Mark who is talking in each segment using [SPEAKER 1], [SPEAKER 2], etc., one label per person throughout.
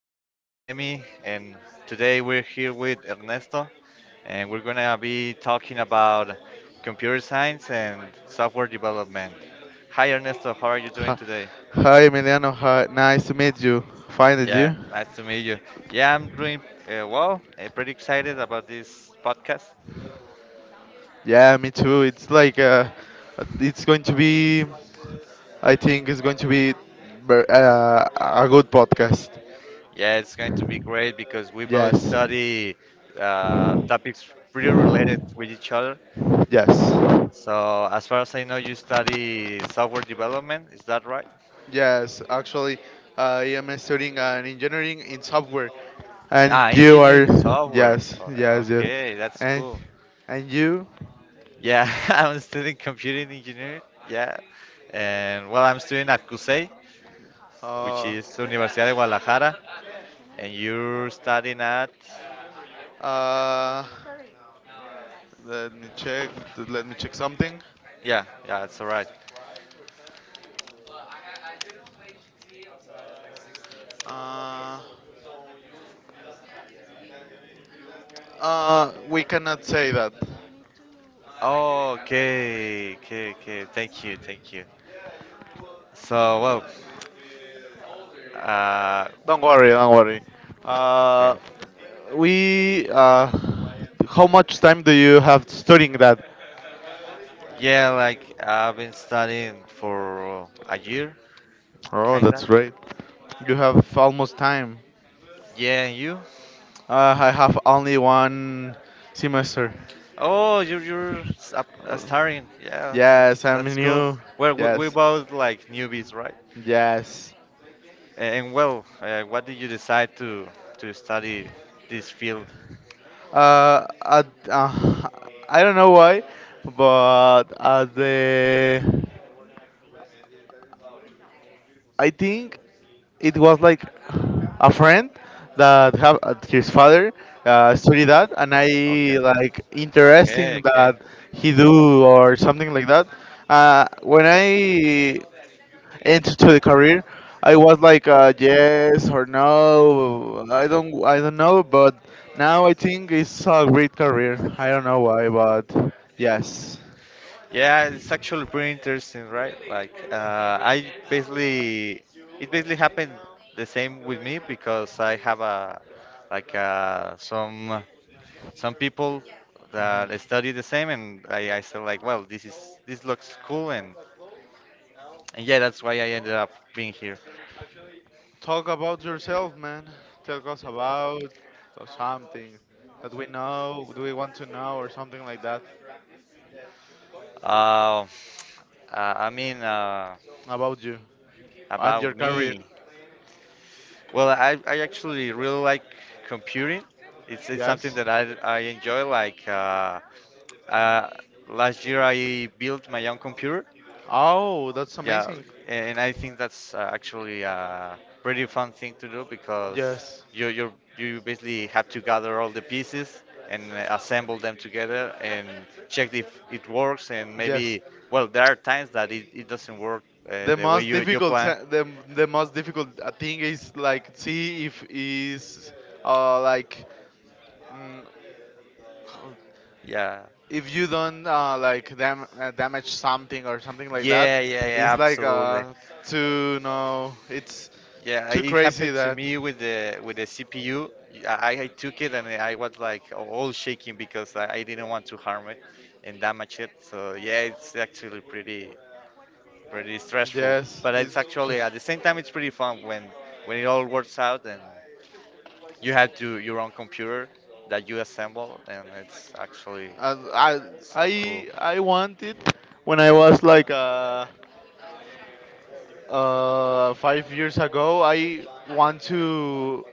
[SPEAKER 1] I am Emmy, and today we're here with Ernesto, and we're gonna be talking about computer science and software development. Hi, Ernesto. How are you doing
[SPEAKER 2] Hi,
[SPEAKER 1] today?
[SPEAKER 2] hi, Emiliano. Hi, nice to meet you. Finally,
[SPEAKER 1] Yeah,
[SPEAKER 2] you.
[SPEAKER 1] nice to meet you. Yeah, I'm doing well. I'm pretty excited about this podcast.
[SPEAKER 2] Yeah, me too. It's like it's going to be. I think it's going to be a good podcast.
[SPEAKER 1] Yeah, it's going to be great because we both
[SPEAKER 2] Yes,
[SPEAKER 1] study topics pretty related with each other.
[SPEAKER 2] yes,
[SPEAKER 1] So, as far as I know, you study software development. Is that right?
[SPEAKER 2] yes. Actually, I am studying an engineering in software, and
[SPEAKER 1] Ah,
[SPEAKER 2] you
[SPEAKER 1] engineering
[SPEAKER 2] are.
[SPEAKER 1] software.
[SPEAKER 2] Yes,
[SPEAKER 1] Oh,
[SPEAKER 2] yes, yes.
[SPEAKER 1] okay, that's
[SPEAKER 2] And
[SPEAKER 1] cool.
[SPEAKER 2] and you.
[SPEAKER 1] Yeah, I'm studying computing engineering. Yeah, and well, I'm studying at CUSEI, which
[SPEAKER 2] Uh,
[SPEAKER 1] is Universidad de Guadalajara, and you're studying at.
[SPEAKER 2] uh, Let me check. Let me check something.
[SPEAKER 1] Yeah, yeah, it's all right.
[SPEAKER 2] Uh, we cannot say that.
[SPEAKER 1] Oh, okay, okay, okay. Thank you, thank you. So, well, uh,
[SPEAKER 2] Don't worry, don't worry. Uh,
[SPEAKER 1] okay.
[SPEAKER 2] we. How much time do you have studying that?
[SPEAKER 1] Yeah, like I've been studying for a year,
[SPEAKER 2] Oh, that's
[SPEAKER 1] kinda.
[SPEAKER 2] great. You have almost time.
[SPEAKER 1] Yeah, and you?
[SPEAKER 2] I have only one semester.
[SPEAKER 1] Oh, you're starring. Yeah, that's
[SPEAKER 2] Yes, I'm
[SPEAKER 1] that's cool.
[SPEAKER 2] new.
[SPEAKER 1] Well, we
[SPEAKER 2] Yes,
[SPEAKER 1] both like newbies, right?
[SPEAKER 2] yes.
[SPEAKER 1] And well, what did you decide to study this field?
[SPEAKER 2] Uh, at, uh, I don't know why, but at the I think it was like a friend that have his father study that and I
[SPEAKER 1] Okay,
[SPEAKER 2] like
[SPEAKER 1] okay,
[SPEAKER 2] interesting
[SPEAKER 1] okay.
[SPEAKER 2] that he do or something like that. When I entered to the career, I was like yes or no, I don't know, but now I think it's a great career. I don't know why, but yes.
[SPEAKER 1] Yeah, it's actually pretty interesting, right? Like, I basically it basically happened the same with me because I have a like some people
[SPEAKER 2] Mhm.
[SPEAKER 1] that study the same, and I said like, well, this is this looks cool and. And yeah, that's why I ended up being here.
[SPEAKER 2] Talk about yourself, man. Tell us about something that we know, do we want to know, or something like that
[SPEAKER 1] Uh, uh, I mean, uh,
[SPEAKER 2] about you and
[SPEAKER 1] about
[SPEAKER 2] your career.
[SPEAKER 1] me. Well, I actually really like computing. It's something
[SPEAKER 2] Yes.
[SPEAKER 1] that I enjoy. Like uh, last year, I built my own computer.
[SPEAKER 2] Oh, that's
[SPEAKER 1] Yeah,
[SPEAKER 2] amazing.
[SPEAKER 1] and I think that's actually a pretty fun thing to do because
[SPEAKER 2] Yes.
[SPEAKER 1] you basically have to gather all the pieces and assemble them together and check if it works and
[SPEAKER 2] Yes.
[SPEAKER 1] maybe well there are times that it doesn't work
[SPEAKER 2] The
[SPEAKER 1] the way
[SPEAKER 2] most
[SPEAKER 1] you
[SPEAKER 2] difficult,
[SPEAKER 1] plan.
[SPEAKER 2] se- the, the most difficult thing is like see if is like mm,
[SPEAKER 1] Yeah,
[SPEAKER 2] if you don't like damage something or something like that.
[SPEAKER 1] yeah, yeah, yeah,
[SPEAKER 2] It's like
[SPEAKER 1] absolutely.
[SPEAKER 2] too no, it's
[SPEAKER 1] Yeah,
[SPEAKER 2] too
[SPEAKER 1] it
[SPEAKER 2] crazy
[SPEAKER 1] happened to
[SPEAKER 2] that
[SPEAKER 1] me with the CPU. I, I took it and I was like all shaking because I didn't want to harm it and damage it. So yeah, it's actually pretty stressful.
[SPEAKER 2] yes,
[SPEAKER 1] But it's
[SPEAKER 2] it's
[SPEAKER 1] actually at
[SPEAKER 2] just
[SPEAKER 1] the same time it's pretty fun when it all works out and you have to your own computer that you assemble and it's actually
[SPEAKER 2] I
[SPEAKER 1] so cool.
[SPEAKER 2] I I want it when I was like 5 years ago. I want to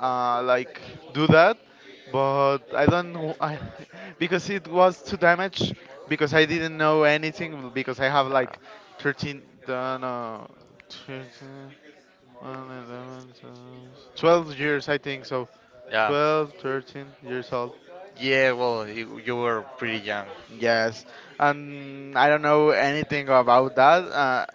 [SPEAKER 2] like do that, but I don't because it was too damaged because I didn't know anything because I have
[SPEAKER 1] Uh,
[SPEAKER 2] like 13 no 13 one, 11, twelve 12 years I think so.
[SPEAKER 1] yeah,
[SPEAKER 2] 12 13 years old,
[SPEAKER 1] yeah. Well, you were pretty young. Uh,
[SPEAKER 2] yes. And I don't know anything about that. Uh,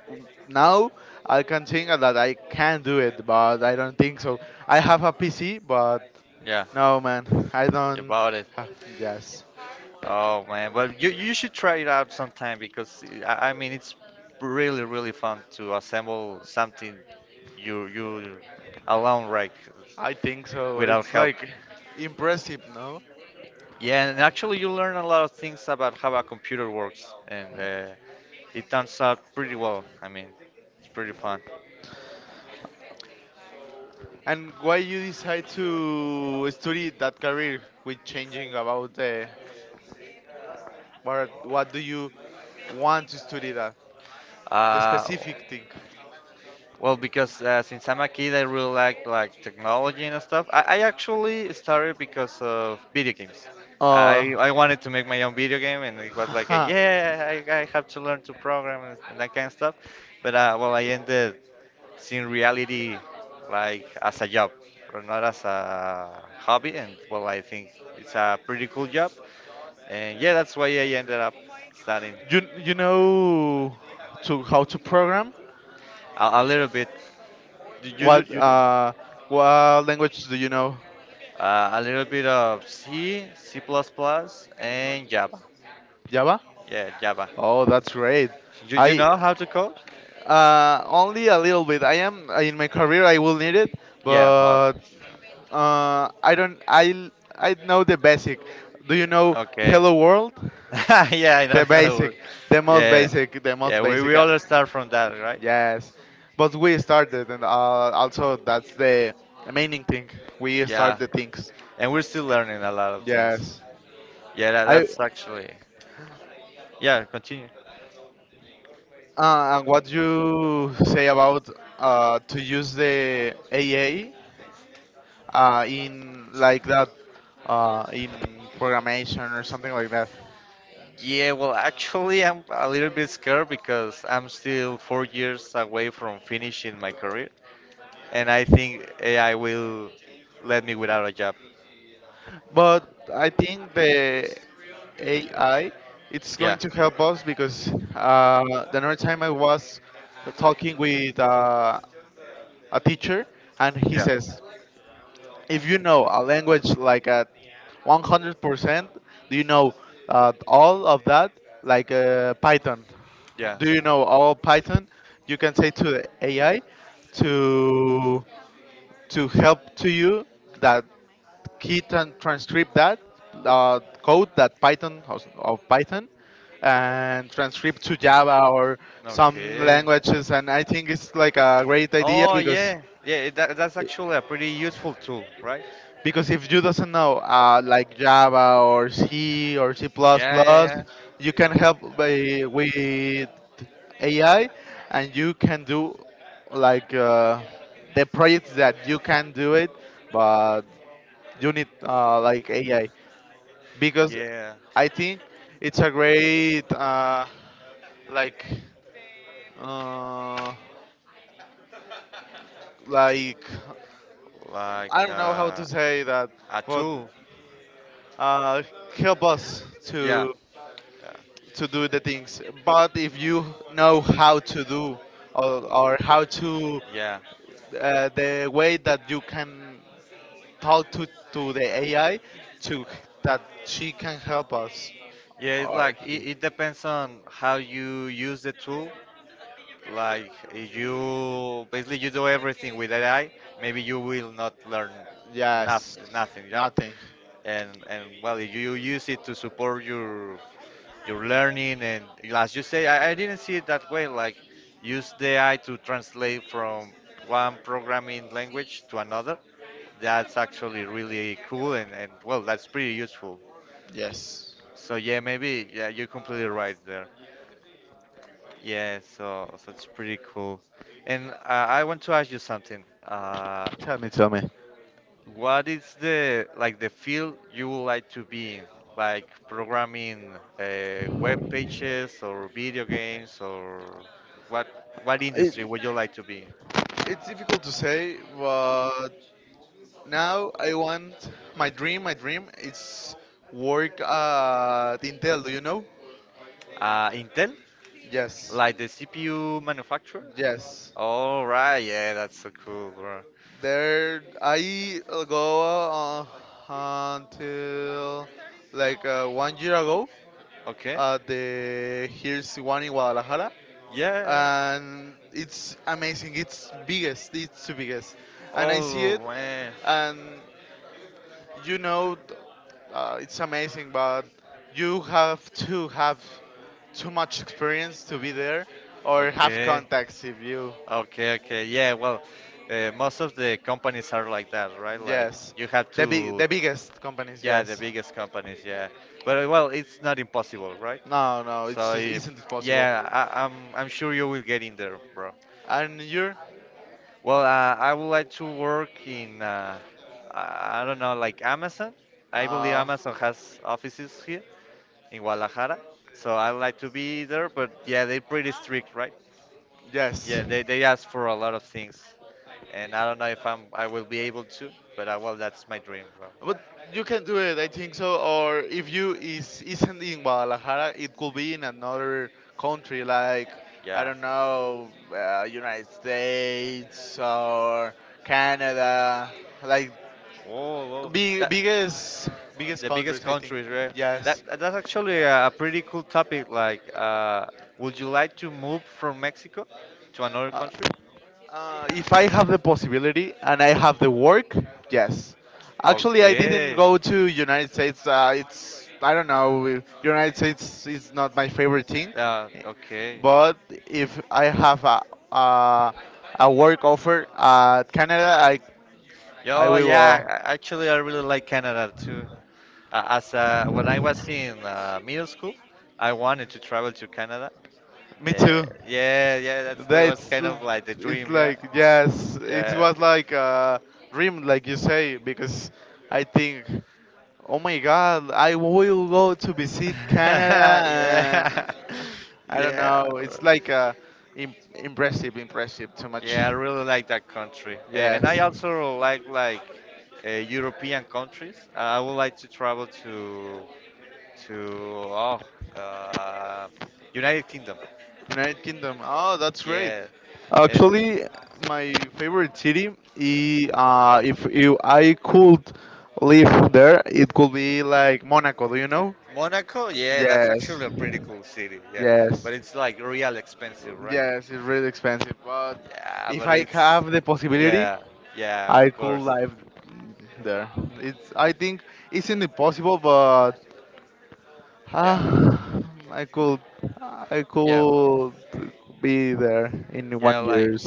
[SPEAKER 2] now I can think that I can do it, but I don't think so. I have a PC, but
[SPEAKER 1] yeah,
[SPEAKER 2] no, man, I don't.
[SPEAKER 1] about it.
[SPEAKER 2] Uh, yes,
[SPEAKER 1] Oh man, well you should try it out sometime because I mean it's really fun to assemble something you alone, right,
[SPEAKER 2] I think so.
[SPEAKER 1] without
[SPEAKER 2] It's
[SPEAKER 1] help.
[SPEAKER 2] like impressive, no?
[SPEAKER 1] Yeah, and actually you learn a lot of things about how a computer works, and it turns out pretty well. I mean, it's pretty fun.
[SPEAKER 2] And why you decide to study that career with changing about the what? What do you want to study that? The
[SPEAKER 1] Uh,
[SPEAKER 2] specific thing.
[SPEAKER 1] Well, because since I'm a kid, I really like technology and stuff. I actually started because of video games.
[SPEAKER 2] Uh,
[SPEAKER 1] I wanted to make my own video game, and it was like, a, yeah, I have to learn to program and that kind of stuff. But well, I ended seeing reality like as a job, or not as a hobby. And well, I think it's a pretty cool job. And yeah, that's why I ended up studying
[SPEAKER 2] you know to how to program?
[SPEAKER 1] a little bit. Do you do
[SPEAKER 2] What
[SPEAKER 1] you do?
[SPEAKER 2] uh what language do you know?
[SPEAKER 1] A little bit of C, C++, and Java.
[SPEAKER 2] Java?
[SPEAKER 1] Yeah, Java.
[SPEAKER 2] Oh, that's great.
[SPEAKER 1] You
[SPEAKER 2] I
[SPEAKER 1] know how to code?
[SPEAKER 2] Only a little bit. I am in my career. I will need it,
[SPEAKER 1] Yeah. Oh,
[SPEAKER 2] but I don't. I know the basic. Do you know
[SPEAKER 1] okay.
[SPEAKER 2] Hello World?
[SPEAKER 1] Yeah, I know
[SPEAKER 2] The
[SPEAKER 1] how to work.
[SPEAKER 2] basic, the most
[SPEAKER 1] Yeah.
[SPEAKER 2] basic, the most
[SPEAKER 1] Yeah,
[SPEAKER 2] basic.
[SPEAKER 1] we all start from that, right?
[SPEAKER 2] Yes, but we started, and also that's the main thing. We
[SPEAKER 1] Yeah.
[SPEAKER 2] start the things.
[SPEAKER 1] And we're still learning a lot of things.
[SPEAKER 2] Yes.
[SPEAKER 1] Yeah,
[SPEAKER 2] I
[SPEAKER 1] that's actually. Yeah, continue.
[SPEAKER 2] and what you say about to use the A. A in like that in programmation or something like that.
[SPEAKER 1] Yeah, well, actually, I'm a little bit scared because I'm still 4 years away from finishing my career. And I think AI will let me without a job.
[SPEAKER 2] But I think the AI it's
[SPEAKER 1] Yeah,
[SPEAKER 2] going to help us because uh, the other time I was talking with a teacher and he
[SPEAKER 1] yeah,
[SPEAKER 2] says if you know a language like at 100%, do you know all of that like Python.
[SPEAKER 1] yeah.
[SPEAKER 2] Do you know all Python? You can say to the AI to to help to you that he transcript that code that Python of Python, and transcript to Java or some
[SPEAKER 1] Okay.
[SPEAKER 2] languages. And I think it's like a great idea
[SPEAKER 1] Oh
[SPEAKER 2] because
[SPEAKER 1] yeah, yeah. That's actually a pretty useful tool, right?
[SPEAKER 2] because if you doesn't know like Java or C or C++,
[SPEAKER 1] Yeah, yeah,
[SPEAKER 2] you can help by, with AI, and you can do like the projects that you can do it, but you need like AI, because
[SPEAKER 1] yeah, yeah.
[SPEAKER 2] I think it's a great like uh, like I
[SPEAKER 1] Like
[SPEAKER 2] don't know how to
[SPEAKER 1] uh,
[SPEAKER 2] say that,
[SPEAKER 1] a
[SPEAKER 2] but
[SPEAKER 1] tool.
[SPEAKER 2] uh, help us
[SPEAKER 1] Yeah,
[SPEAKER 2] to
[SPEAKER 1] yeah,
[SPEAKER 2] to do the things. But if you know how to do, or how to
[SPEAKER 1] yeah.
[SPEAKER 2] the way that you can talk to the AI to that she can help us,
[SPEAKER 1] Yeah, it's
[SPEAKER 2] or
[SPEAKER 1] like
[SPEAKER 2] he.
[SPEAKER 1] it depends on how you use the tool. Like if you basically you do everything with AI, maybe you will not learn
[SPEAKER 2] Yes,
[SPEAKER 1] nothing, nothing. Yeah.
[SPEAKER 2] nothing.
[SPEAKER 1] And well, you use it to support your learning and as you say, I didn't see it that way. Like use the AI to translate from one programming language to another. That's actually really cool and well, that's pretty useful.
[SPEAKER 2] Yes.
[SPEAKER 1] So yeah, maybe yeah, you're completely right there. Yeah, so it's pretty cool. And I want to ask you something.
[SPEAKER 2] Tell me, tell me.
[SPEAKER 1] What is the like the field you would like to be in? Like programming web pages or video games or what
[SPEAKER 2] It,
[SPEAKER 1] industry would you like to be in?
[SPEAKER 2] it's difficult to say, but now I want my dream. My dream is work at Intel. Do you know?
[SPEAKER 1] Intel?
[SPEAKER 2] Yes,
[SPEAKER 1] Like the CPU manufacturer?
[SPEAKER 2] yes.
[SPEAKER 1] All right, yeah, that's so cool, bro.
[SPEAKER 2] There, I go uh, until like 1 year ago
[SPEAKER 1] Okay.
[SPEAKER 2] at the here's one in Guadalajara,
[SPEAKER 1] Yeah. Yeah.
[SPEAKER 2] and it's amazing. It's biggest. It's the biggest, and I see
[SPEAKER 1] Oh
[SPEAKER 2] it,
[SPEAKER 1] man.
[SPEAKER 2] and you know it's amazing, but you have to have too much experience to be there or have
[SPEAKER 1] Okay.
[SPEAKER 2] contacts if you.
[SPEAKER 1] Okay, okay. Yeah, well, most of the companies are like that, right? Like
[SPEAKER 2] Yes,
[SPEAKER 1] you have
[SPEAKER 2] the big
[SPEAKER 1] to,
[SPEAKER 2] the biggest companies,
[SPEAKER 1] yeah, the
[SPEAKER 2] yes.
[SPEAKER 1] biggest companies, yeah. But well, it's not impossible, right?
[SPEAKER 2] No, no,
[SPEAKER 1] So
[SPEAKER 2] it's just isn't it possible,
[SPEAKER 1] yeah, I'm sure you will get in there, bro.
[SPEAKER 2] and you're
[SPEAKER 1] Well, I would like to work in, I don't know, like Amazon. I believe
[SPEAKER 2] uh
[SPEAKER 1] Amazon has offices here in Guadalajara. So I like to be there, but yeah, they're pretty strict, right? Yeah,
[SPEAKER 2] yes.
[SPEAKER 1] they ask for a lot of things, and I don't know if I will be able to, but well, that's my dream, bro.
[SPEAKER 2] But you can do it, I think so. Or if you is isn't in Guadalajara, it could be in another country, like I
[SPEAKER 1] Yeah.
[SPEAKER 2] don't know, United States or Canada, like
[SPEAKER 1] Oh, well,
[SPEAKER 2] big
[SPEAKER 1] that
[SPEAKER 2] biggest biggest
[SPEAKER 1] the biggest
[SPEAKER 2] countries, I think.
[SPEAKER 1] countries, right?
[SPEAKER 2] Yes.
[SPEAKER 1] That that's actually a pretty cool topic. Like, would you like to move from Mexico to another
[SPEAKER 2] Uh,
[SPEAKER 1] country?
[SPEAKER 2] If I have the possibility and I have the work, yes. Actually, I didn't
[SPEAKER 1] Okay.
[SPEAKER 2] go to United States. It's I don't know. United States is not my favorite thing,
[SPEAKER 1] Yeah. Okay.
[SPEAKER 2] but if I have a a work offer at Canada, I
[SPEAKER 1] Yo,
[SPEAKER 2] will.
[SPEAKER 1] yeah. a- Actually, I really like Canada too. As when I was in middle school, I wanted to travel to Canada.
[SPEAKER 2] Me too.
[SPEAKER 1] Yeah, yeah, that's that was
[SPEAKER 2] That's
[SPEAKER 1] kind
[SPEAKER 2] l-
[SPEAKER 1] of like the dream,
[SPEAKER 2] it's
[SPEAKER 1] yeah,
[SPEAKER 2] like yes, it
[SPEAKER 1] yeah,
[SPEAKER 2] was like a dream, like you say, because I think. Oh my God, I will go to visit Canada.
[SPEAKER 1] yeah,
[SPEAKER 2] And I don't
[SPEAKER 1] yeah,
[SPEAKER 2] know. It's like impressive, impressive, too much.
[SPEAKER 1] yeah. I really like that country, and I
[SPEAKER 2] Yes.
[SPEAKER 1] also like European countries. I would like to travel to oh, uh, United Kingdom.
[SPEAKER 2] United Kingdom. Oh, that's great.
[SPEAKER 1] Yeah, and
[SPEAKER 2] Actually, my favorite city, if you, I could live there, it could be like Monaco, do you know?
[SPEAKER 1] Monaco. Yeah, that's
[SPEAKER 2] Yes.
[SPEAKER 1] actually a pretty cool city. Yeah,
[SPEAKER 2] Yes.
[SPEAKER 1] but it's like real expensive, right?
[SPEAKER 2] Yes, it's really expensive, but
[SPEAKER 1] Yeah,
[SPEAKER 2] if
[SPEAKER 1] but
[SPEAKER 2] I
[SPEAKER 1] it's
[SPEAKER 2] have the possibility,
[SPEAKER 1] yeah, yeah,
[SPEAKER 2] I
[SPEAKER 1] of
[SPEAKER 2] could
[SPEAKER 1] course.
[SPEAKER 2] live there. It's I think it's impossible, but ah,
[SPEAKER 1] Yeah,
[SPEAKER 2] I could I
[SPEAKER 1] yeah, well,
[SPEAKER 2] could be there in
[SPEAKER 1] yeah,
[SPEAKER 2] one
[SPEAKER 1] like,
[SPEAKER 2] years.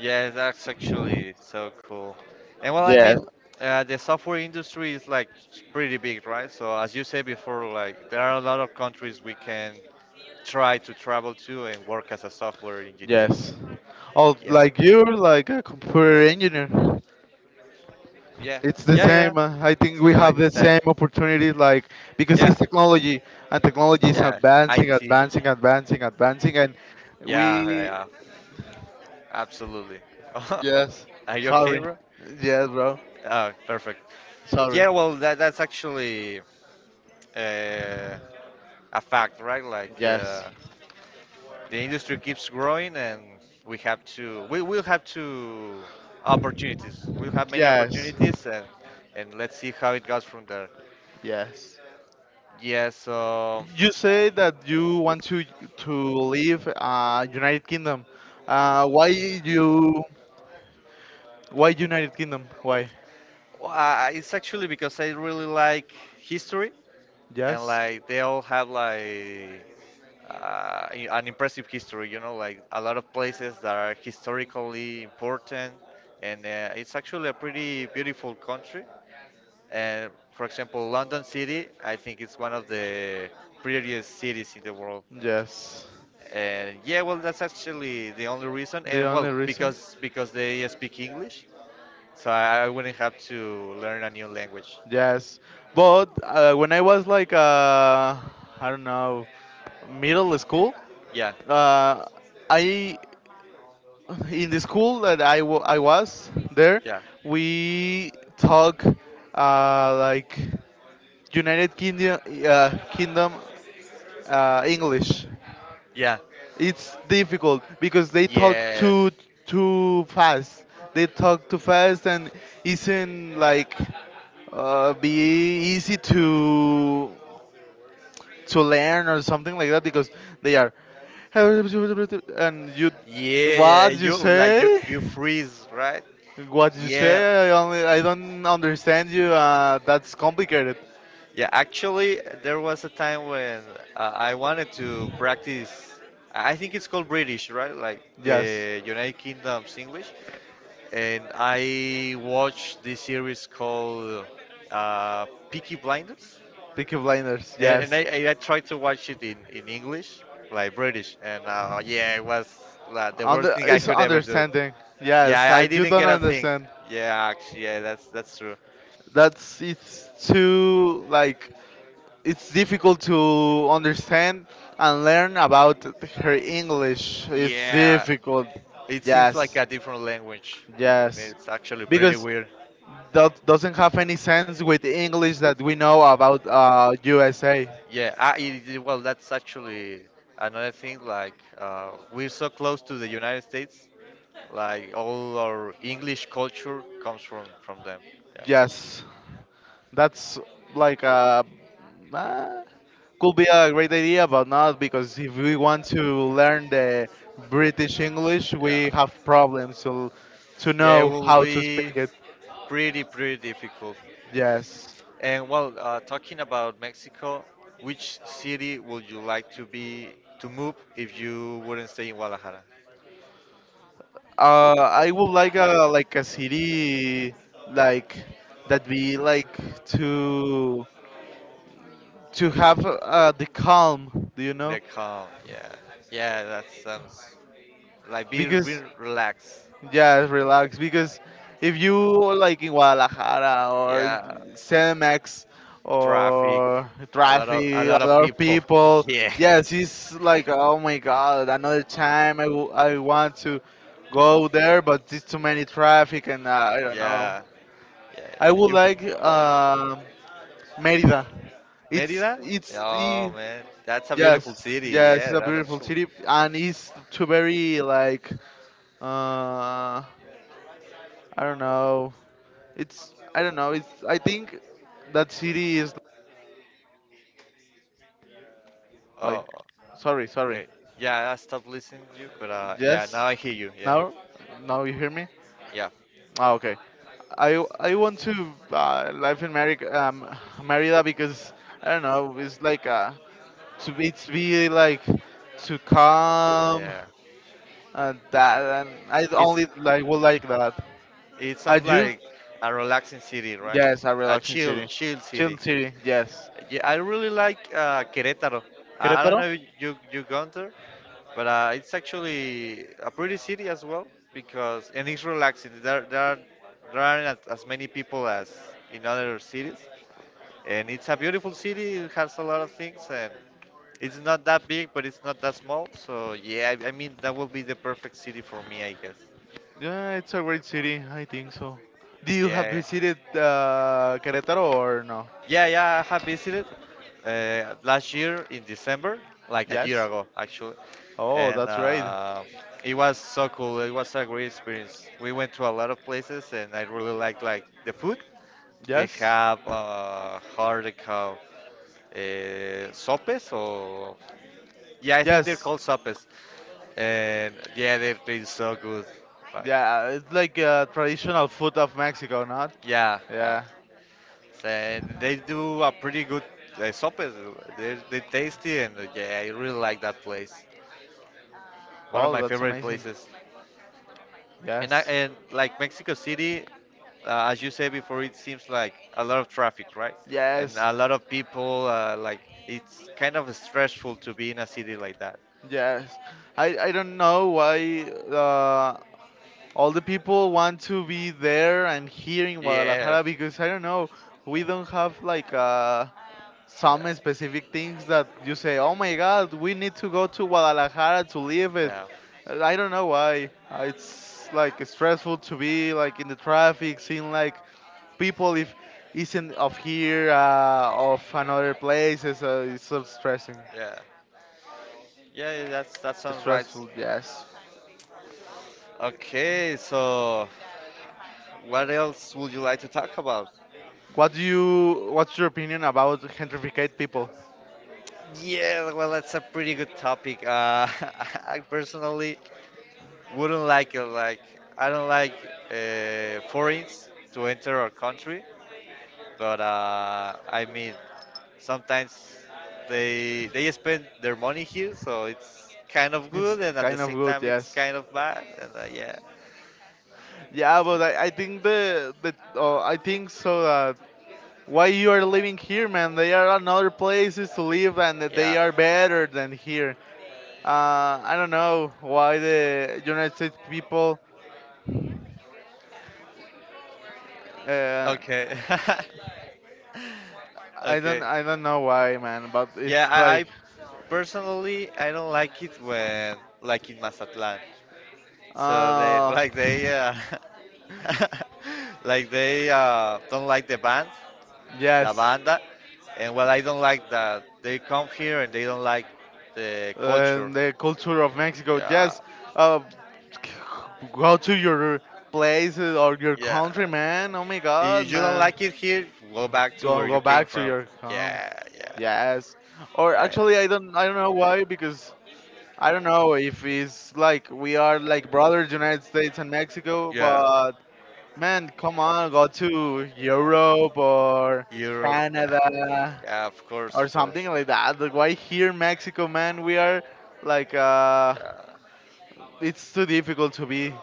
[SPEAKER 1] yeah, that's actually so cool. And well, I
[SPEAKER 2] Yes,
[SPEAKER 1] mean, the software industry is like pretty big, right? So as you said before, like there are a lot of countries we can try to travel to and work as a software engineer.
[SPEAKER 2] yes. Oh,
[SPEAKER 1] Yeah,
[SPEAKER 2] like you're like a computer engineer.
[SPEAKER 1] yeah,
[SPEAKER 2] It's the
[SPEAKER 1] yeah, yeah.
[SPEAKER 2] same. I think
[SPEAKER 1] It's
[SPEAKER 2] we have
[SPEAKER 1] like the
[SPEAKER 2] the
[SPEAKER 1] same.
[SPEAKER 2] same opportunities, like because
[SPEAKER 1] Yeah,
[SPEAKER 2] it's technology, and technology is
[SPEAKER 1] yeah,
[SPEAKER 2] advancing,
[SPEAKER 1] IT. Yeah,
[SPEAKER 2] advancing, advancing, advancing, and
[SPEAKER 1] yeah,
[SPEAKER 2] we.
[SPEAKER 1] yeah, absolutely.
[SPEAKER 2] Yes.
[SPEAKER 1] Are you okay,
[SPEAKER 2] Sorry.
[SPEAKER 1] bro?
[SPEAKER 2] Yes, bro.
[SPEAKER 1] Oh, perfect.
[SPEAKER 2] Sorry.
[SPEAKER 1] Yeah, well, that that's actually uh, a fact, right? Like
[SPEAKER 2] Yes.
[SPEAKER 1] the industry keeps growing, and we have to, we will have to opportunities. We'll have many
[SPEAKER 2] Yes.
[SPEAKER 1] opportunities, and let's see how it goes from there.
[SPEAKER 2] Yes.
[SPEAKER 1] Yeah, so
[SPEAKER 2] You say that you want to leave United Kingdom. Why you? Why United Kingdom? Why?
[SPEAKER 1] well, I- it's actually because I really like history. And
[SPEAKER 2] Yes.
[SPEAKER 1] like they all had like an impressive history. You know, like a lot of places that are historically important, and it's actually a pretty beautiful country. And for example, London City, I think it's one of the prettiest cities in the world.
[SPEAKER 2] Yes.
[SPEAKER 1] And yeah, well, that's actually the only reason.
[SPEAKER 2] The
[SPEAKER 1] And well,
[SPEAKER 2] only reason?
[SPEAKER 1] because they speak English, so I wouldn't have to learn a new language.
[SPEAKER 2] Yes. But when I was like I don't know, middle school,
[SPEAKER 1] Yeah,
[SPEAKER 2] uh, I in the school that I was there,
[SPEAKER 1] yeah,
[SPEAKER 2] we talk like United Kingdom, Kingdom English.
[SPEAKER 1] yeah,
[SPEAKER 2] It's difficult because they talk
[SPEAKER 1] yeah.
[SPEAKER 2] too fast. They talk too fast and isn't like be easy to learn or something like that because they are, and you
[SPEAKER 1] Yeah, yeah, yeah.
[SPEAKER 2] what you
[SPEAKER 1] You like
[SPEAKER 2] say.
[SPEAKER 1] you freeze, right?
[SPEAKER 2] What you
[SPEAKER 1] Yeah.
[SPEAKER 2] say, I don't understand you. That's complicated,
[SPEAKER 1] Yeah, actually, there was a time when I wanted to practice. I think it's called British, right? Like
[SPEAKER 2] yes.
[SPEAKER 1] the United Kingdom's English. And I watched this series called Peaky Blinders.
[SPEAKER 2] Peaky Blinders,
[SPEAKER 1] And
[SPEAKER 2] yes.
[SPEAKER 1] I tried to watch it in English, like British. And yeah, it was like, the worst
[SPEAKER 2] Under
[SPEAKER 1] thing I
[SPEAKER 2] it's
[SPEAKER 1] could ever do.
[SPEAKER 2] understanding.
[SPEAKER 1] Yeah,
[SPEAKER 2] Yes, I,
[SPEAKER 1] I
[SPEAKER 2] you
[SPEAKER 1] didn't
[SPEAKER 2] don't
[SPEAKER 1] get a thing.
[SPEAKER 2] understand.
[SPEAKER 1] Yeah, actually, yeah, that's true.
[SPEAKER 2] That's it's too like, it's difficult to understand and learn about her English. It's
[SPEAKER 1] Yeah,
[SPEAKER 2] difficult.
[SPEAKER 1] it seems like
[SPEAKER 2] Yes,
[SPEAKER 1] a different language, and
[SPEAKER 2] yes,
[SPEAKER 1] it's actually pretty
[SPEAKER 2] because
[SPEAKER 1] weird.
[SPEAKER 2] that doesn't have any sense with the English that we know about USA.
[SPEAKER 1] Yeah, it- it- well, that's actually another thing. Like, we're so close to the United States. Like, all our English culture comes from them. Yeah,
[SPEAKER 2] Yes. That's like a uh, nah. Could be a great idea, but not, because if we want to learn the British English, we
[SPEAKER 1] yeah,
[SPEAKER 2] have problems to
[SPEAKER 1] yeah. It
[SPEAKER 2] know
[SPEAKER 1] will
[SPEAKER 2] how to
[SPEAKER 1] be
[SPEAKER 2] speak it.
[SPEAKER 1] pretty difficult.
[SPEAKER 2] Yes.
[SPEAKER 1] And well, talking about Mexico, which city would you like to be to move if you wouldn't stay in Guadalajara?
[SPEAKER 2] I would like a city like that be like to to have the calm, do you know?
[SPEAKER 1] The calm, yeah, yeah, that sounds like be
[SPEAKER 2] Because
[SPEAKER 1] relaxed.
[SPEAKER 2] yeah, relax, because if you like in Guadalajara or
[SPEAKER 1] Yeah,
[SPEAKER 2] CMX
[SPEAKER 1] traffic,
[SPEAKER 2] or traffic,
[SPEAKER 1] a
[SPEAKER 2] a
[SPEAKER 1] lot of
[SPEAKER 2] lot of
[SPEAKER 1] people.
[SPEAKER 2] people.
[SPEAKER 1] Yeah,
[SPEAKER 2] Yes, it's like oh my god, another time I, I want to go there, but it's too many traffic, and I don't know.
[SPEAKER 1] yeah, yeah.
[SPEAKER 2] I would
[SPEAKER 1] You
[SPEAKER 2] like Merida. It's
[SPEAKER 1] Merida?
[SPEAKER 2] it's
[SPEAKER 1] Oh
[SPEAKER 2] the
[SPEAKER 1] man, that's a beautiful
[SPEAKER 2] yes
[SPEAKER 1] city.
[SPEAKER 2] yes it's
[SPEAKER 1] Yeah,
[SPEAKER 2] a
[SPEAKER 1] that's
[SPEAKER 2] beautiful
[SPEAKER 1] actually.
[SPEAKER 2] city, and it's too very like uh I don't know. It's, I don't know. It's I think that city is like,
[SPEAKER 1] Oh.
[SPEAKER 2] sorry, sorry.
[SPEAKER 1] Okay. Yeah, I stopped listening to you, but yeah,
[SPEAKER 2] Yes.
[SPEAKER 1] now I hear you. Yeah,
[SPEAKER 2] Now, now you hear me?
[SPEAKER 1] yeah,
[SPEAKER 2] Ah, okay. I want to live in Mari Merida because I don't know. It's like to be, it's be like to calm,
[SPEAKER 1] yeah.
[SPEAKER 2] and that, and I
[SPEAKER 1] It's
[SPEAKER 2] only like would like that.
[SPEAKER 1] it
[SPEAKER 2] Are
[SPEAKER 1] sounds
[SPEAKER 2] you?
[SPEAKER 1] like a relaxing city, right?
[SPEAKER 2] Yes, a
[SPEAKER 1] A
[SPEAKER 2] relaxing city,
[SPEAKER 1] chill
[SPEAKER 2] chill
[SPEAKER 1] city.
[SPEAKER 2] city. Yes.
[SPEAKER 1] Yeah, I really like Querétaro. I don't
[SPEAKER 2] Querétaro?
[SPEAKER 1] know if you gone there, but it's actually a pretty city as well because and it's relaxing. There there aren't as many people as in other cities. And it's a beautiful city. It has a lot of things, and it's not that big, but it's not that small. So yeah, I mean that will be the perfect city for me, I guess.
[SPEAKER 2] Yeah, it's a great city, I think so. Do you have
[SPEAKER 1] Yeah,
[SPEAKER 2] visited Querétaro or no?
[SPEAKER 1] yeah, yeah. I have visited last year in December, like a year
[SPEAKER 2] Yes.
[SPEAKER 1] ago actually,
[SPEAKER 2] Oh,
[SPEAKER 1] and
[SPEAKER 2] that's great.
[SPEAKER 1] it was so cool. It was a great experience. We went to a lot of places, and I really liked like the food. They
[SPEAKER 2] Yes.
[SPEAKER 1] have hard sopes or yeah, I think they're
[SPEAKER 2] Yes.
[SPEAKER 1] called sopes. And yeah, they are taste so good. Like,
[SPEAKER 2] Yeah, it's like traditional food of Mexico, not?
[SPEAKER 1] yeah, yeah.
[SPEAKER 2] Yeah.
[SPEAKER 1] So, and they do a pretty good sopas. They tasty and yeah, I really like that place. One of
[SPEAKER 2] Oh,
[SPEAKER 1] my
[SPEAKER 2] that's
[SPEAKER 1] favorite
[SPEAKER 2] amazing.
[SPEAKER 1] places. And
[SPEAKER 2] Yes.
[SPEAKER 1] like Mexico City, as you said before, it seems like a lot of traffic, right? And
[SPEAKER 2] Yes.
[SPEAKER 1] a lot of people. Like it's kind of stressful to be in a city like that.
[SPEAKER 2] Yes. I don't know why uh, all the people want to be there and here in
[SPEAKER 1] Yeah.
[SPEAKER 2] Guadalajara, because I don't know. We don't have like a
[SPEAKER 1] Yeah.
[SPEAKER 2] some specific things that you say, oh my god, we need to go to Guadalajara to live it.
[SPEAKER 1] Yeah.
[SPEAKER 2] I don't know why. It's like stressful to be like in the traffic, seeing like people if isn't of here, of another place. It's so stressing.
[SPEAKER 1] Yeah. Yeah, yeah, that sounds right.
[SPEAKER 2] Stressful, yes.
[SPEAKER 1] Okay, so what else would you like to talk about?
[SPEAKER 2] What do you? What's your opinion about gentrificate people?
[SPEAKER 1] Yeah, well, that's a pretty good topic. I personally wouldn't like it. Like, I don't like foreigners to enter our country, but I mean, sometimes they spend their money here, so it's kind of
[SPEAKER 2] It's
[SPEAKER 1] good, and at the
[SPEAKER 2] kind of
[SPEAKER 1] same
[SPEAKER 2] good,
[SPEAKER 1] time, it's
[SPEAKER 2] yes.
[SPEAKER 1] kind of bad. And yeah,
[SPEAKER 2] Yeah, but I think the I think so that why you are living here, man? There are another places to live, and they
[SPEAKER 1] yeah.
[SPEAKER 2] are better than here. I don't know why the United States people. Uh,
[SPEAKER 1] Okay.
[SPEAKER 2] I don't.
[SPEAKER 1] Okay.
[SPEAKER 2] I don't know why, man. But
[SPEAKER 1] Yeah,
[SPEAKER 2] it's
[SPEAKER 1] I
[SPEAKER 2] like.
[SPEAKER 1] personally I don't like it when like in Mazatlán. So they
[SPEAKER 2] Uh,
[SPEAKER 1] like they like they don't like the band. La
[SPEAKER 2] yes.
[SPEAKER 1] Banda, and well, I don't like that they come here and they don't like the culture.
[SPEAKER 2] The culture of Mexico.
[SPEAKER 1] Yeah,
[SPEAKER 2] Yes. Uh, Go to your place or your country,
[SPEAKER 1] yeah.
[SPEAKER 2] man. Oh my God,
[SPEAKER 1] If you don't
[SPEAKER 2] man.
[SPEAKER 1] like it here, go back to
[SPEAKER 2] Go
[SPEAKER 1] where you
[SPEAKER 2] go
[SPEAKER 1] came
[SPEAKER 2] back to
[SPEAKER 1] from.
[SPEAKER 2] your home.
[SPEAKER 1] Yeah, yeah,
[SPEAKER 2] Yes. Or
[SPEAKER 1] yeah,
[SPEAKER 2] actually, I don't. I don't know why, because I don't know if it's like we are like brothers, United States and Mexico.
[SPEAKER 1] yeah.
[SPEAKER 2] But man, come on, go to Europe or
[SPEAKER 1] Europe, yeah,
[SPEAKER 2] Canada
[SPEAKER 1] yeah. Of course,
[SPEAKER 2] or
[SPEAKER 1] of
[SPEAKER 2] something
[SPEAKER 1] course.
[SPEAKER 2] like that. Like why here, Mexico, man? We are like
[SPEAKER 1] Yeah,
[SPEAKER 2] it's too difficult to be.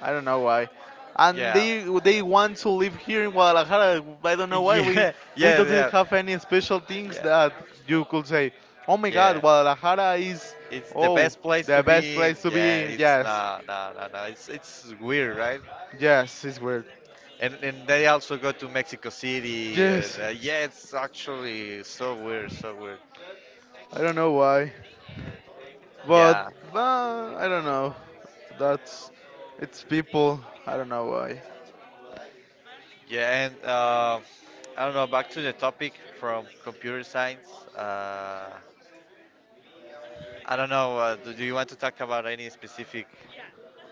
[SPEAKER 2] I don't know why. And
[SPEAKER 1] yeah,
[SPEAKER 2] they want to live here in Guadalajara. I don't know why we
[SPEAKER 1] yeah,
[SPEAKER 2] doesn't
[SPEAKER 1] yeah,
[SPEAKER 2] have any special things
[SPEAKER 1] yeah,
[SPEAKER 2] that you could say. Oh my God,
[SPEAKER 1] yeah.
[SPEAKER 2] Guadalajara is
[SPEAKER 1] It's the
[SPEAKER 2] oh
[SPEAKER 1] best place
[SPEAKER 2] the
[SPEAKER 1] to
[SPEAKER 2] best
[SPEAKER 1] be in.
[SPEAKER 2] place to
[SPEAKER 1] Yeah,
[SPEAKER 2] be.
[SPEAKER 1] it's
[SPEAKER 2] Yes,
[SPEAKER 1] no, no, no, no. It's weird, right?
[SPEAKER 2] yes, it's weird.
[SPEAKER 1] And they also go to Mexico City. And,
[SPEAKER 2] Yes,
[SPEAKER 1] yeah, it's actually so weird, so weird.
[SPEAKER 2] I don't know why, but
[SPEAKER 1] Yeah,
[SPEAKER 2] I don't know. That's it's people. I don't know why.
[SPEAKER 1] yeah, and I don't know. Back to the topic from computer science. I don't know. Do you want to talk about any specific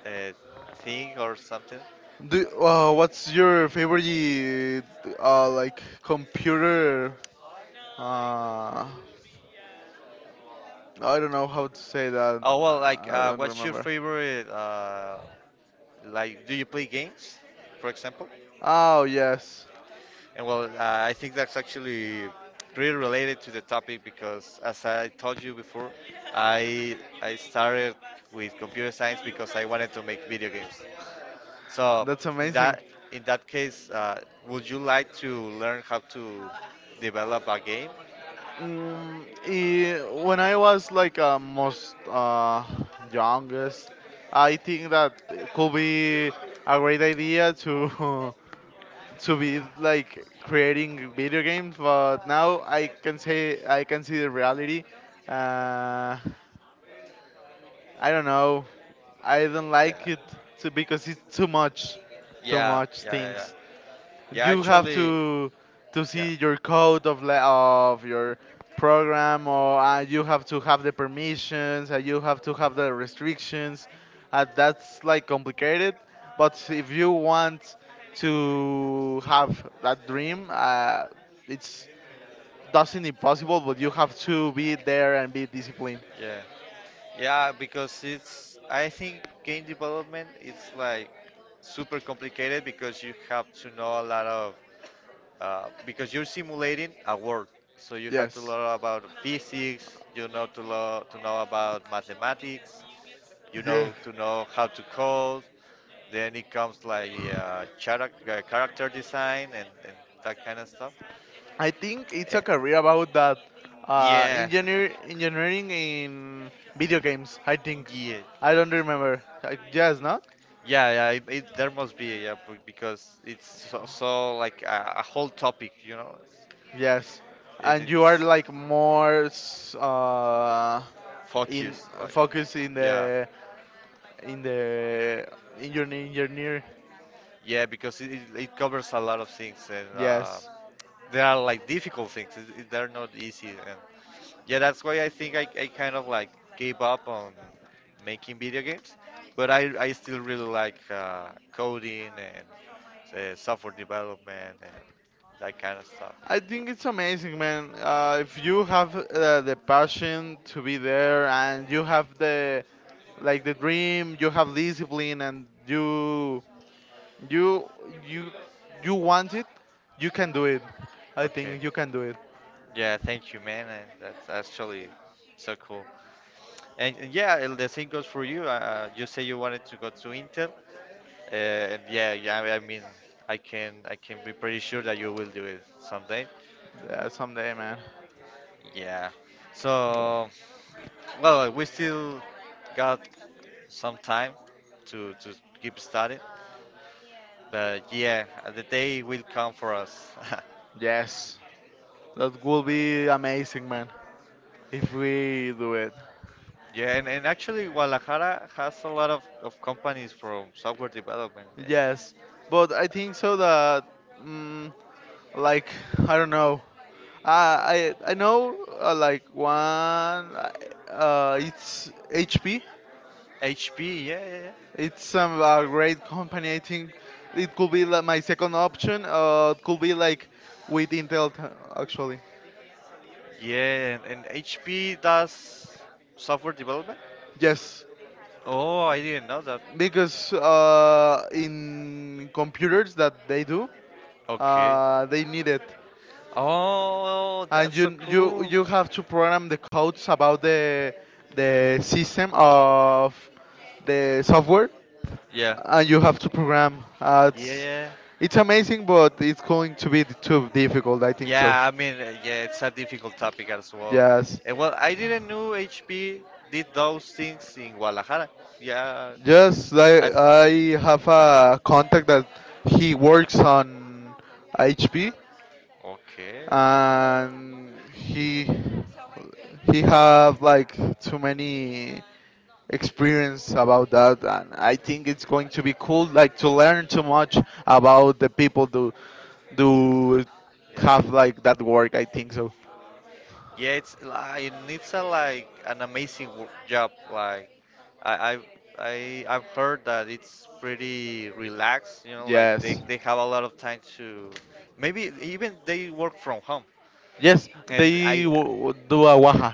[SPEAKER 1] uh, thing or something?
[SPEAKER 2] Do what's your favorite like computer. Uh, I don't know how to say that.
[SPEAKER 1] Oh well,
[SPEAKER 2] I
[SPEAKER 1] like
[SPEAKER 2] don't
[SPEAKER 1] what's your
[SPEAKER 2] remember.
[SPEAKER 1] favorite? Like, do you play games, for example?
[SPEAKER 2] Oh yes,
[SPEAKER 1] And well, I think that's actually pretty related to the topic because, as I told you before, I started with computer science because I wanted to make video games. So
[SPEAKER 2] that's
[SPEAKER 1] in
[SPEAKER 2] amazing.
[SPEAKER 1] that in that case, would you like to learn how to develop a game?
[SPEAKER 2] Mm, eh, when I was like most youngest, I think that it could be a great idea to to be like creating video games. But now I can say I can see the reality. Uh, I don't know. I don't like
[SPEAKER 1] Yeah.
[SPEAKER 2] it to, because it's too
[SPEAKER 1] Yeah,
[SPEAKER 2] much
[SPEAKER 1] yeah, yeah, yeah.
[SPEAKER 2] things.
[SPEAKER 1] Yeah,
[SPEAKER 2] You have
[SPEAKER 1] actually,
[SPEAKER 2] to
[SPEAKER 1] yeah,
[SPEAKER 2] see your code of of your program or you have to have the permissions and you have to have the restrictions, that's like complicated, but if you want to have that dream, it's doesn't impossible, but you have to be there and be disciplined.
[SPEAKER 1] yeah, yeah. Because I think game development it's like super complicated because you have to know a lot of, because you're simulating a world, so you have to
[SPEAKER 2] Yes.
[SPEAKER 1] learn about physics. You know to lo to know about mathematics. You
[SPEAKER 2] Yes,
[SPEAKER 1] know to know how to code. Then it comes like character design and that kind of stuff.
[SPEAKER 2] I think it's
[SPEAKER 1] Eh,
[SPEAKER 2] a career about that,
[SPEAKER 1] yeah,
[SPEAKER 2] engineering in video games. I think
[SPEAKER 1] yeah,
[SPEAKER 2] I don't remember. I, yes, not
[SPEAKER 1] yeah, yeah. There must be yeah because it's so, so like a whole topic, you know,
[SPEAKER 2] yes.
[SPEAKER 1] and
[SPEAKER 2] And you are
[SPEAKER 1] it's
[SPEAKER 2] like more in
[SPEAKER 1] focused like
[SPEAKER 2] focus
[SPEAKER 1] yeah.
[SPEAKER 2] in the engineer.
[SPEAKER 1] Yeah, because it covers a lot of things, and
[SPEAKER 2] Yes,
[SPEAKER 1] they are like difficult things. They're not easy, and yeah, that's why I think I kind of like gave up on making video games. But I still really like coding and software development and that kind of stuff.
[SPEAKER 2] I think it's amazing, man. If you have the passion to be there and you have the like the dream, you have discipline, and You you you want it, you can do it. I
[SPEAKER 1] Okay.
[SPEAKER 2] think you can do it.
[SPEAKER 1] Yeah, thank you, man. And That's actually so cool. And yeah, and the same goes for you. You say you wanted to go to Intel. Uh, and yeah, yeah. I mean, I can be pretty sure that you will do it someday.
[SPEAKER 2] Yeah, someday, man.
[SPEAKER 1] Yeah.
[SPEAKER 2] Wo-
[SPEAKER 1] So, well, we still got some time to keep studying, but yeah, the day will come for us.
[SPEAKER 2] Yes, that will be amazing, man. If we do it,
[SPEAKER 1] Yeah, and actually, Guadalajara has a lot of companies from software development.
[SPEAKER 2] yes. But I think so that, mm, like I don't know. I know like one. It's HP.
[SPEAKER 1] HP, yeah, yeah, yeah.
[SPEAKER 2] It's a great company. I think it could be like my second option. It could be like with Intel, t- actually.
[SPEAKER 1] Yeah, and HP does software development.
[SPEAKER 2] Yes,
[SPEAKER 1] Oh, I didn't know that.
[SPEAKER 2] because in computers that they do,
[SPEAKER 1] Okay.
[SPEAKER 2] they need it,
[SPEAKER 1] Oh,
[SPEAKER 2] and
[SPEAKER 1] that's so
[SPEAKER 2] you you
[SPEAKER 1] cool.
[SPEAKER 2] you have to program the codes about the system of the software,
[SPEAKER 1] Yeah.
[SPEAKER 2] and you have to program.
[SPEAKER 1] Yeah.
[SPEAKER 2] It's amazing, but it's going to be too difficult. I think so.
[SPEAKER 1] Yeah, I mean, yeah, it's a difficult topic as well.
[SPEAKER 2] Yes.
[SPEAKER 1] And well, I didn't know HP did those things in Guadalajara. Yeah.
[SPEAKER 2] Yes,
[SPEAKER 1] I th-
[SPEAKER 2] I have a contact that he works on HP,
[SPEAKER 1] okay.
[SPEAKER 2] and he have like too many experience about that, and I think it's going to be cool like to learn too much about the people do do
[SPEAKER 1] Yeah.
[SPEAKER 2] have like that work, I think so.
[SPEAKER 1] Yeah, it's like it needs a like an amazing job. Like I I I've heard that it's pretty relaxed. You know, like they
[SPEAKER 2] Yes.
[SPEAKER 1] they have a lot of time to maybe even they work from home.
[SPEAKER 2] Yes,
[SPEAKER 1] And
[SPEAKER 2] they
[SPEAKER 1] I
[SPEAKER 2] w- do a waha.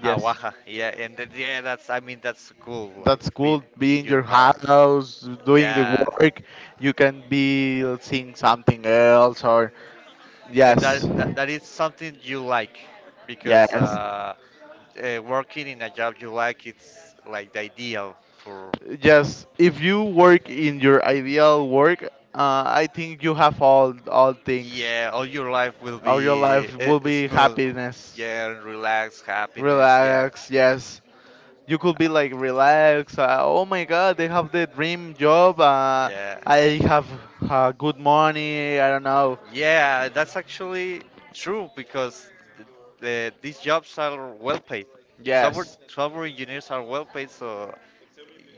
[SPEAKER 2] Yes.
[SPEAKER 1] Awaja, yeah, and then, yeah, that's I mean that's cool.
[SPEAKER 2] That
[SPEAKER 1] Like being
[SPEAKER 2] school be
[SPEAKER 1] in
[SPEAKER 2] in
[SPEAKER 1] your
[SPEAKER 2] your
[SPEAKER 1] home,
[SPEAKER 2] house doing the
[SPEAKER 1] yeah,
[SPEAKER 2] work, you can be seeing something else or
[SPEAKER 1] and
[SPEAKER 2] yes
[SPEAKER 1] that is something you like because
[SPEAKER 2] yes
[SPEAKER 1] working in a job you like it's like the ideal for.
[SPEAKER 2] yes. If you work in your ideal work, I think you have all things.
[SPEAKER 1] Yeah, all your life will
[SPEAKER 2] All your
[SPEAKER 1] be
[SPEAKER 2] life will be
[SPEAKER 1] smooth.
[SPEAKER 2] happiness,
[SPEAKER 1] Yeah, and relaxed, happiness. Yeah,
[SPEAKER 2] relax. Yes, you could be like relax, oh my god, they have the dream job,
[SPEAKER 1] yeah,
[SPEAKER 2] I have good money, I don't know.
[SPEAKER 1] yeah. That's actually true because th- the, these jobs are well paid.
[SPEAKER 2] Yes.
[SPEAKER 1] Software engineers are well paid, so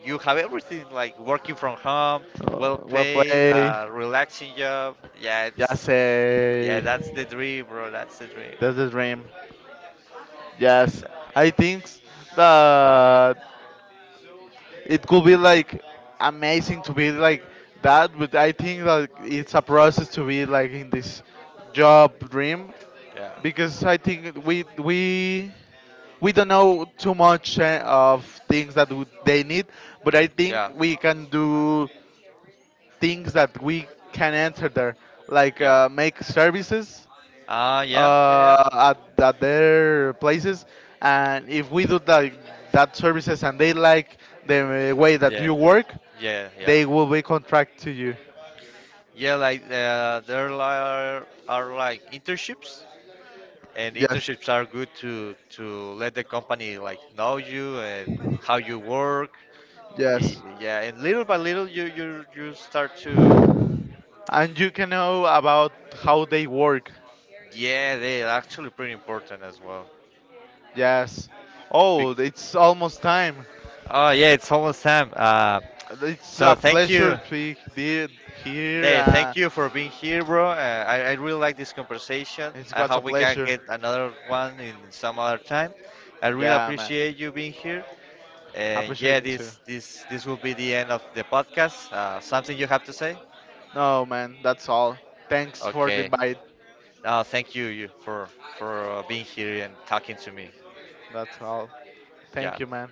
[SPEAKER 1] you have everything like working from home, well
[SPEAKER 2] Well
[SPEAKER 1] paid,
[SPEAKER 2] played.
[SPEAKER 1] relaxing job. Yeah, it's
[SPEAKER 2] Yes,
[SPEAKER 1] yeah,
[SPEAKER 2] eh.
[SPEAKER 1] that's the dream, bro. That's the dream.
[SPEAKER 2] That's the dream. Yes, I think s- that it could be like amazing to be like that, but I think that it's a process to be like in this job dream,
[SPEAKER 1] Yeah.
[SPEAKER 2] because I think we don't know too much, of things that would- they need, but I think
[SPEAKER 1] Yeah.
[SPEAKER 2] we can do things that we can enter there, like
[SPEAKER 1] Yeah.
[SPEAKER 2] make services,
[SPEAKER 1] Ah, yeah. Yeah, yeah.
[SPEAKER 2] uh, at their places, and if we do that, that services, and they like the way that
[SPEAKER 1] Yeah.
[SPEAKER 2] you work,
[SPEAKER 1] Yeah, yeah.
[SPEAKER 2] they will be contract to you.
[SPEAKER 1] Yeah, like there are like internships. And
[SPEAKER 2] Yes.
[SPEAKER 1] internships are good to let the company like know you and how you work.
[SPEAKER 2] Yes,
[SPEAKER 1] Yeah, and little by little you start to
[SPEAKER 2] and you can know about how they work.
[SPEAKER 1] yeah. They're actually pretty important as well.
[SPEAKER 2] Yes. Oh,
[SPEAKER 1] Bec-
[SPEAKER 2] it's almost time.
[SPEAKER 1] oh yeah, it's almost time.
[SPEAKER 2] It's
[SPEAKER 1] So
[SPEAKER 2] a
[SPEAKER 1] thank
[SPEAKER 2] pleasure
[SPEAKER 1] you.
[SPEAKER 2] to be the- here,
[SPEAKER 1] Hey, thank you for being here, bro. I really like this conversation.
[SPEAKER 2] it
[SPEAKER 1] I
[SPEAKER 2] was a
[SPEAKER 1] hope we can
[SPEAKER 2] pleasure.
[SPEAKER 1] get another one in some other time. I really
[SPEAKER 2] Yeah, man.
[SPEAKER 1] appreciate you being here.
[SPEAKER 2] I
[SPEAKER 1] And
[SPEAKER 2] appreciate
[SPEAKER 1] yeah,
[SPEAKER 2] me too.
[SPEAKER 1] this will be the end of the podcast. Something you have to say?
[SPEAKER 2] No, man, that's all. Thanks for the
[SPEAKER 1] Okay.
[SPEAKER 2] invite.
[SPEAKER 1] Thank you, you for being here and talking to me.
[SPEAKER 2] That's all.
[SPEAKER 1] Yeah.
[SPEAKER 2] Thank you, man.